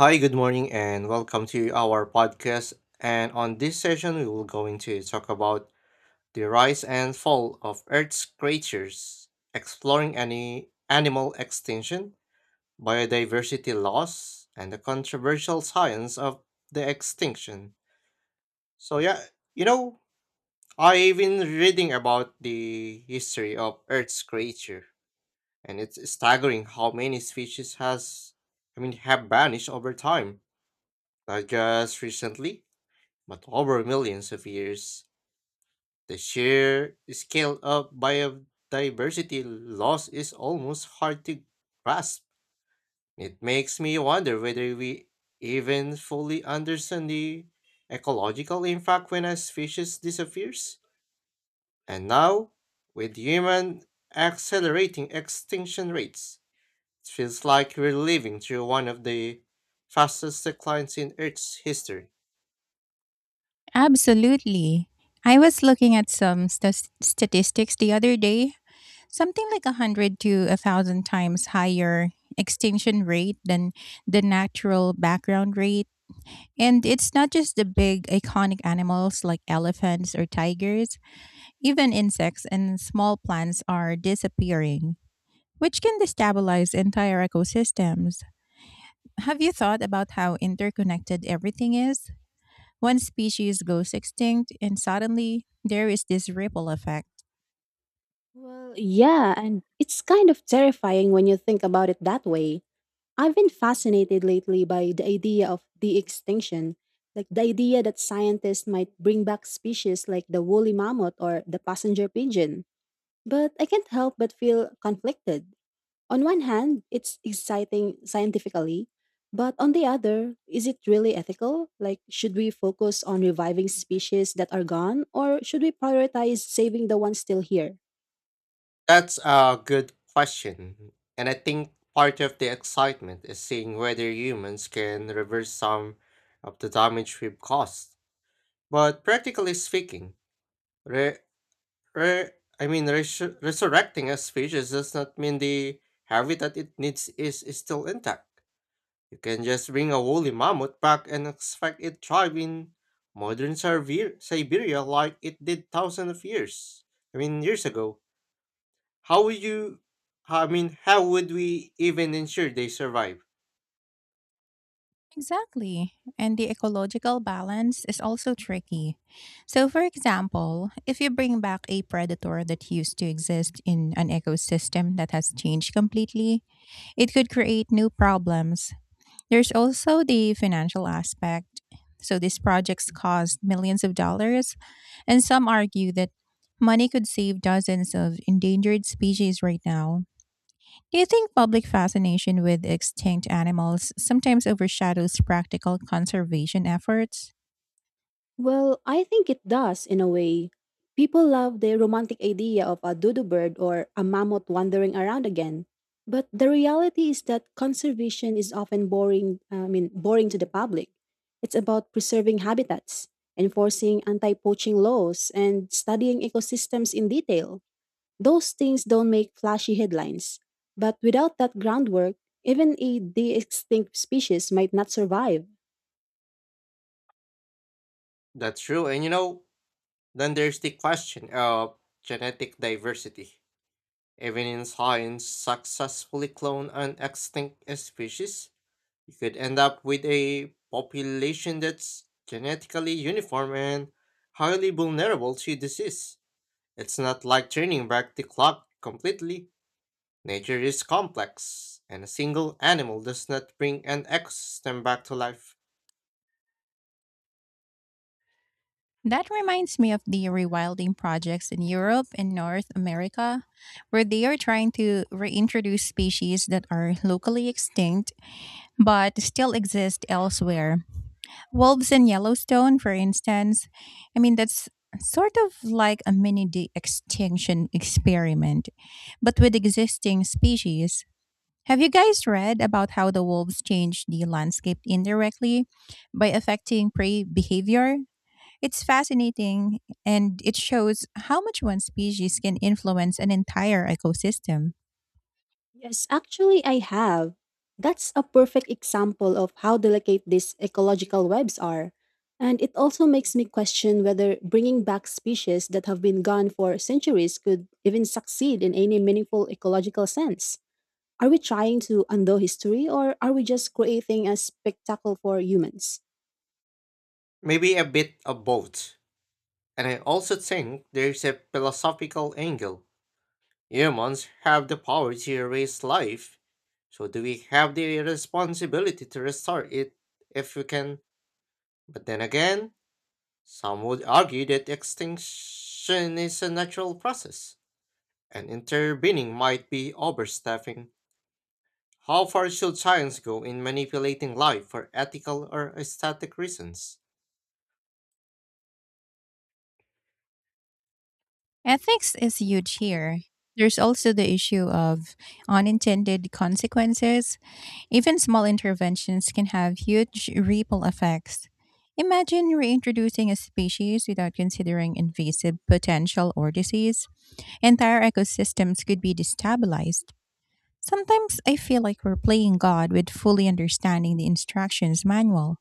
Hi, good morning, and welcome to our podcast. And on this session, we will going to talk about the rise and fall of Earth's creatures, exploring any animal extinction, biodiversity loss, and the controversial science of the extinction. So yeah, you know, I've been reading about the history of Earth's creature, and it's staggering how many species has, I mean, have vanished over time. Not just recently, but over millions of years, the sheer scale of biodiversity loss is almost hard to grasp. It makes me wonder whether we even fully understand the ecological impact when a species disappears. And now, with human accelerating extinction rates, it feels like we're living through one of the fastest declines in Earth's history. Absolutely. I was looking at some stas statistics the other day. Something like a 100 to a 1,000 times higher extinction rate than the natural background rate. And it's not just the big iconic animals like elephants or tigers, even insects and small plants are disappearing, which can destabilize entire ecosystems. Have you thought about how interconnected everything is? One species goes extinct, and suddenly there is this ripple effect. Well, yeah, and it's kind of terrifying when you think about it that way. I've been fascinated lately by the idea of de extinction, like the idea that scientists might bring back species like the woolly mammoth or the passenger pigeon. But I can't help but feel conflicted. On one hand, it's exciting scientifically, but on the other, is it really ethical? Like, should we focus on reviving species that are gone, or should we prioritize saving the ones still here? That's a good question. And I think part of the excitement is seeing whether humans can reverse some of the damage we've caused. But practically speaking, re- re- I mean, resurrecting a species does not mean the habitat it needs is still intact. You can just bring a woolly mammoth back and expect it thrive in modern Siberia like it did thousands of years. I mean, years ago. How would you, I mean, how would we even ensure they survive? Exactly. And the ecological balance is also tricky. So, for example, if you bring back a predator that used to exist in an ecosystem that has changed completely, it could create new problems. There's also the financial aspect. So, these projects cost millions of dollars, and some argue that money could save dozens of endangered species right now. Do you think public fascination with extinct animals sometimes overshadows practical conservation efforts? Well, I think it does in a way. People love the romantic idea of a dodo bird or a mammoth wandering around again. But the reality is that conservation is often boring, I mean, boring to the public. It's about preserving habitats, enforcing anti-poaching laws, and studying ecosystems in detail. Those things don't make flashy headlines. But without that groundwork, even a de-extinct species might not survive. That's true. And you know, then there's the question of genetic diversity. Even in science, successfully clone an extinct species, you could end up with a population that's genetically uniform and highly vulnerable to disease. It's not like turning back the clock completely. Nature is complex, and a single animal does not bring an ecosystem back to life. That reminds me of the rewilding projects in Europe and North America, where they are trying to reintroduce species that are locally extinct but still exist elsewhere. Wolves in Yellowstone, for instance, I mean, that's sort of like a mini de- extinction experiment, but with existing species. Have you guys read about how the wolves changed the landscape indirectly by affecting prey behavior? It's fascinating and it shows how much one species can influence an entire ecosystem. Yes, actually, I have. That's a perfect example of how delicate these ecological webs are. And it also makes me question whether bringing back species that have been gone for centuries could even succeed in any meaningful ecological sense. Are we trying to undo history or are we just creating a spectacle for humans? Maybe a bit of both. And I also think there's a philosophical angle. Humans have the power to erase life, so do we have the responsibility to restore it if we can? But then again, some would argue that extinction is a natural process, and intervening might be overstepping. How far should science go in manipulating life for ethical or aesthetic reasons? Ethics is huge here. There's also the issue of unintended consequences. Even small interventions can have huge ripple effects. Imagine reintroducing a species without considering invasive potential or disease. Entire ecosystems could be destabilized. Sometimes I feel like we're playing God with fully understanding the instructions manual.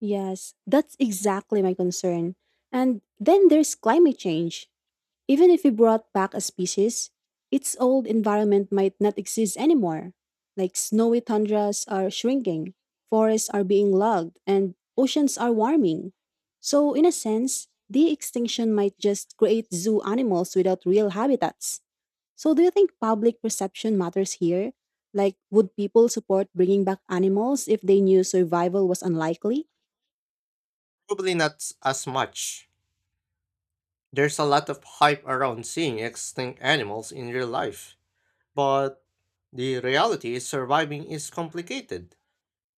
Yes, that's exactly my concern. And then there's climate change. Even if we brought back a species, its old environment might not exist anymore. Like snowy tundras are shrinking, forests are being logged, and oceans are warming. So, in a sense, de extinction might just create zoo animals without real habitats. So, do you think public perception matters here? Like, would people support bringing back animals if they knew survival was unlikely? Probably not as much. There's a lot of hype around seeing extinct animals in real life, but the reality is surviving is complicated,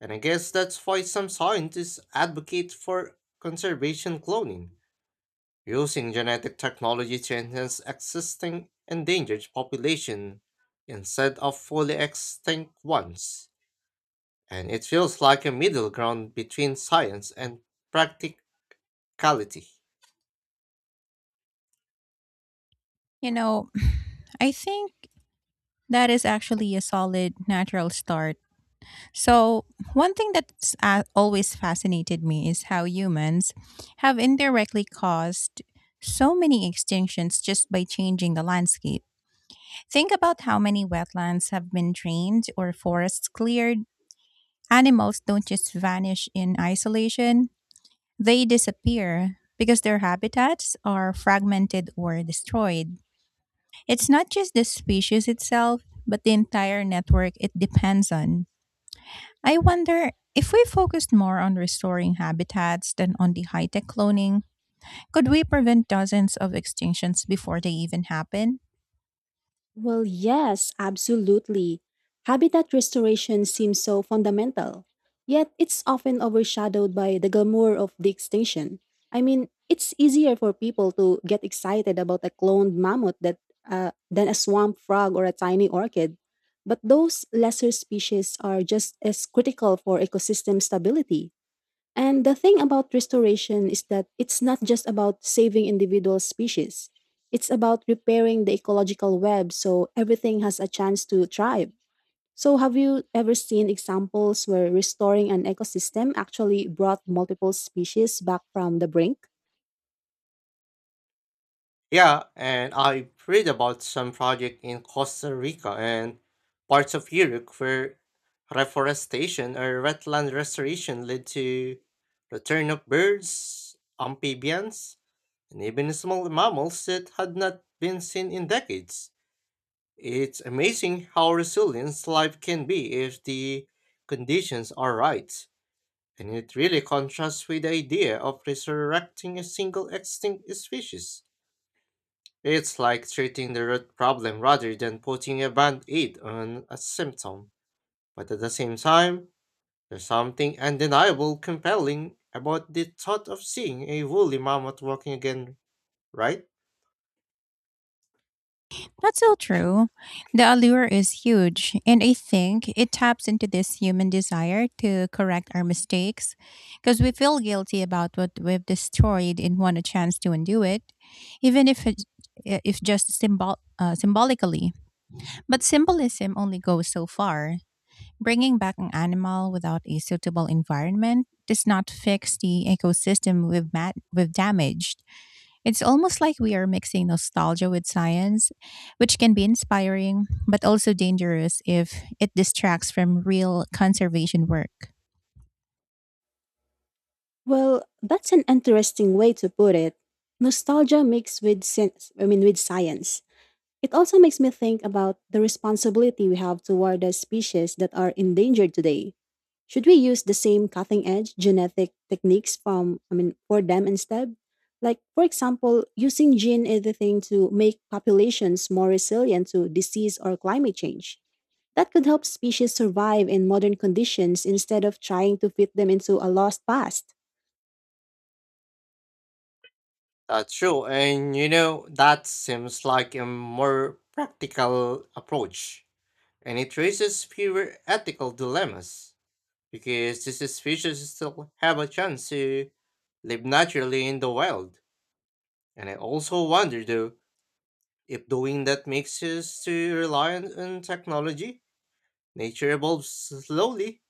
and I guess that's why some scientists advocate for conservation cloning, using genetic technology to enhance existing endangered population instead of fully extinct ones. And it feels like a middle ground between science and practicality. You know, I think that is actually a solid natural start. So, one thing that's always fascinated me is how humans have indirectly caused so many extinctions just by changing the landscape. Think about how many wetlands have been drained or forests cleared. Animals don't just vanish in isolation, they disappear because their habitats are fragmented or destroyed. It's not just the species itself, but the entire network it depends on. I wonder if we focused more on restoring habitats than on the high tech cloning, could we prevent dozens of extinctions before they even happen? Well, yes, absolutely. Habitat restoration seems so fundamental, yet it's often overshadowed by the glamour of the extinction. I mean, it's easier for people to get excited about a cloned mammoth that, than a swamp frog or a tiny orchid. But those lesser species are just as critical for ecosystem stability. And the thing about restoration is that it's not just about saving individual species. It's about repairing the ecological web so everything has a chance to thrive. So, have you ever seen examples where restoring an ecosystem actually brought multiple species back from the brink? Yeah, and I read about some project in Costa Rica and parts of Europe where reforestation or wetland restoration led to return of birds, amphibians, and even small mammals that had not been seen in decades. It's amazing how resilient life can be if the conditions are right, and it really contrasts with the idea of resurrecting a single extinct species. It's like treating the root problem rather than putting a band aid on a symptom. But at the same time, there's something undeniable compelling about the thought of seeing a woolly mammoth walking again, right? That's so true. The allure is huge, and I think it taps into this human desire to correct our mistakes because we feel guilty about what we've destroyed and want a chance to undo it, even if it if just symbolically. But symbolism only goes so far. Bringing back an animal without a suitable environment does not fix the ecosystem we've damaged. It's almost like we are mixing nostalgia with science, which can be inspiring but also dangerous if it distracts from real conservation work. Well, that's an interesting way to put it. Nostalgia mixed with sense, I mean with science. It also makes me think about the responsibility we have toward the species that are endangered today. Should we use the same cutting edge genetic techniques from I mean for them instead? Like for example, using gene editing to make populations more resilient to disease or climate change. That could help species survive in modern conditions instead of trying to fit them into a lost past. That's true, and you know, that seems like a more practical approach. And it raises fewer ethical dilemmas, because these species still have a chance to live naturally in the wild. And I also wonder though, if doing that makes us too reliant on technology, nature evolves slowly,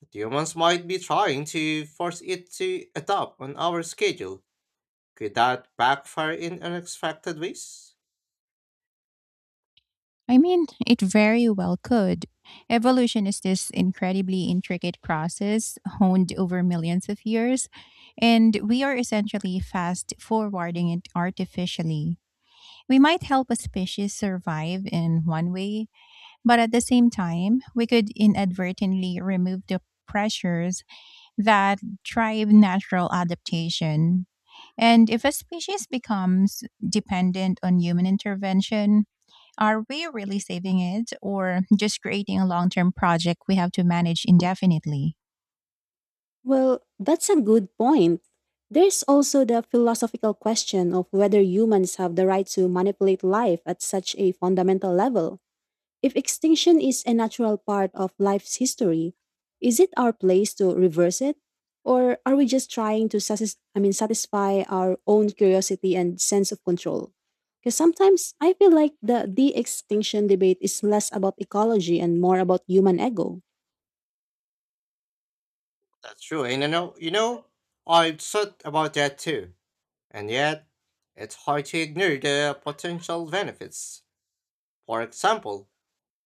but humans might be trying to force it to adapt on our schedule. Could that backfire in unexpected ways? I mean, it very well could. Evolution is this incredibly intricate process honed over millions of years, and we are essentially fast forwarding it artificially. We might help a species survive in one way, but at the same time, we could inadvertently remove the pressures that drive natural adaptation. And if a species becomes dependent on human intervention, are we really saving it or just creating a long term project we have to manage indefinitely? Well, that's a good point. There's also the philosophical question of whether humans have the right to manipulate life at such a fundamental level. If extinction is a natural part of life's history, is it our place to reverse it? Or are we just trying to satisfy our own curiosity and sense of control? Because sometimes I feel like the de extinction debate is less about ecology and more about human ego. That's true, and I've thought about that too. And yet, it's hard to ignore the potential benefits. For example,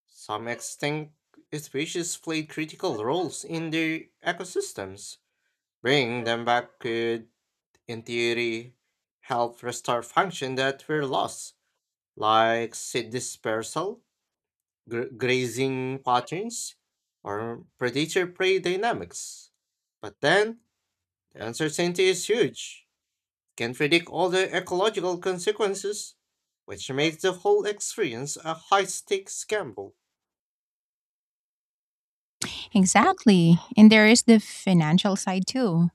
some extinct species played critical roles in their ecosystems. Bringing them back could, in theory, help restore function that were lost, like seed dispersal, grazing patterns, or predator prey dynamics. But then, the uncertainty is huge. Can predict all the ecological consequences, which makes the whole experience a high stakes gamble. Exactly. And there is the financial side too.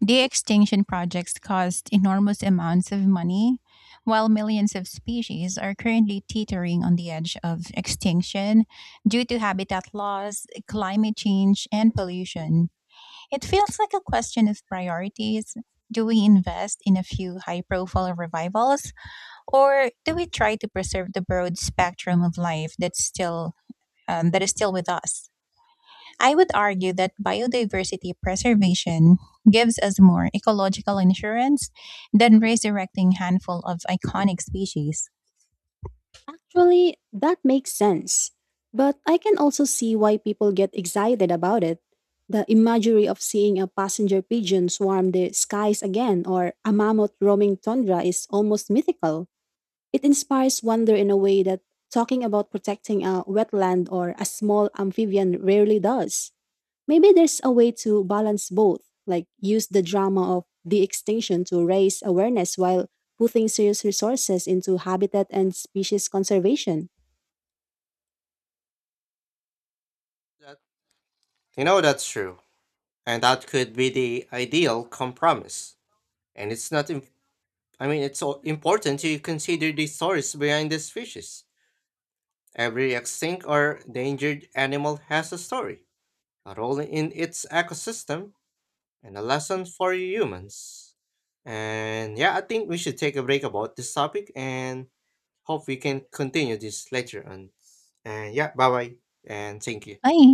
The extinction projects cost enormous amounts of money, while millions of species are currently teetering on the edge of extinction due to habitat loss, climate change, and pollution. It feels like a question of priorities. Do we invest in a few high profile revivals, or do we try to preserve the broad spectrum of life that's still that is still with us? I would argue that biodiversity preservation gives us more ecological insurance than resurrecting handful of iconic species. Actually, that makes sense. But I can also see why people get excited about it. The imagery of seeing a passenger pigeon swarm the skies again or a mammoth roaming tundra is almost mythical. It inspires wonder in a way that talking about protecting a wetland or a small amphibian rarely does. Maybe there's a way to balance both, like use the drama of the extinction to raise awareness while putting serious resources into habitat and species conservation. That- You know that's true, and that could be the ideal compromise. And it's not. Im- I mean, it's important to consider the stories behind these fishes. Every extinct or endangered animal has a story, a role in its ecosystem, and a lesson for humans. And yeah, I think we should take a break about this topic and hope we can continue this later on. And yeah, bye bye and thank you. Ay.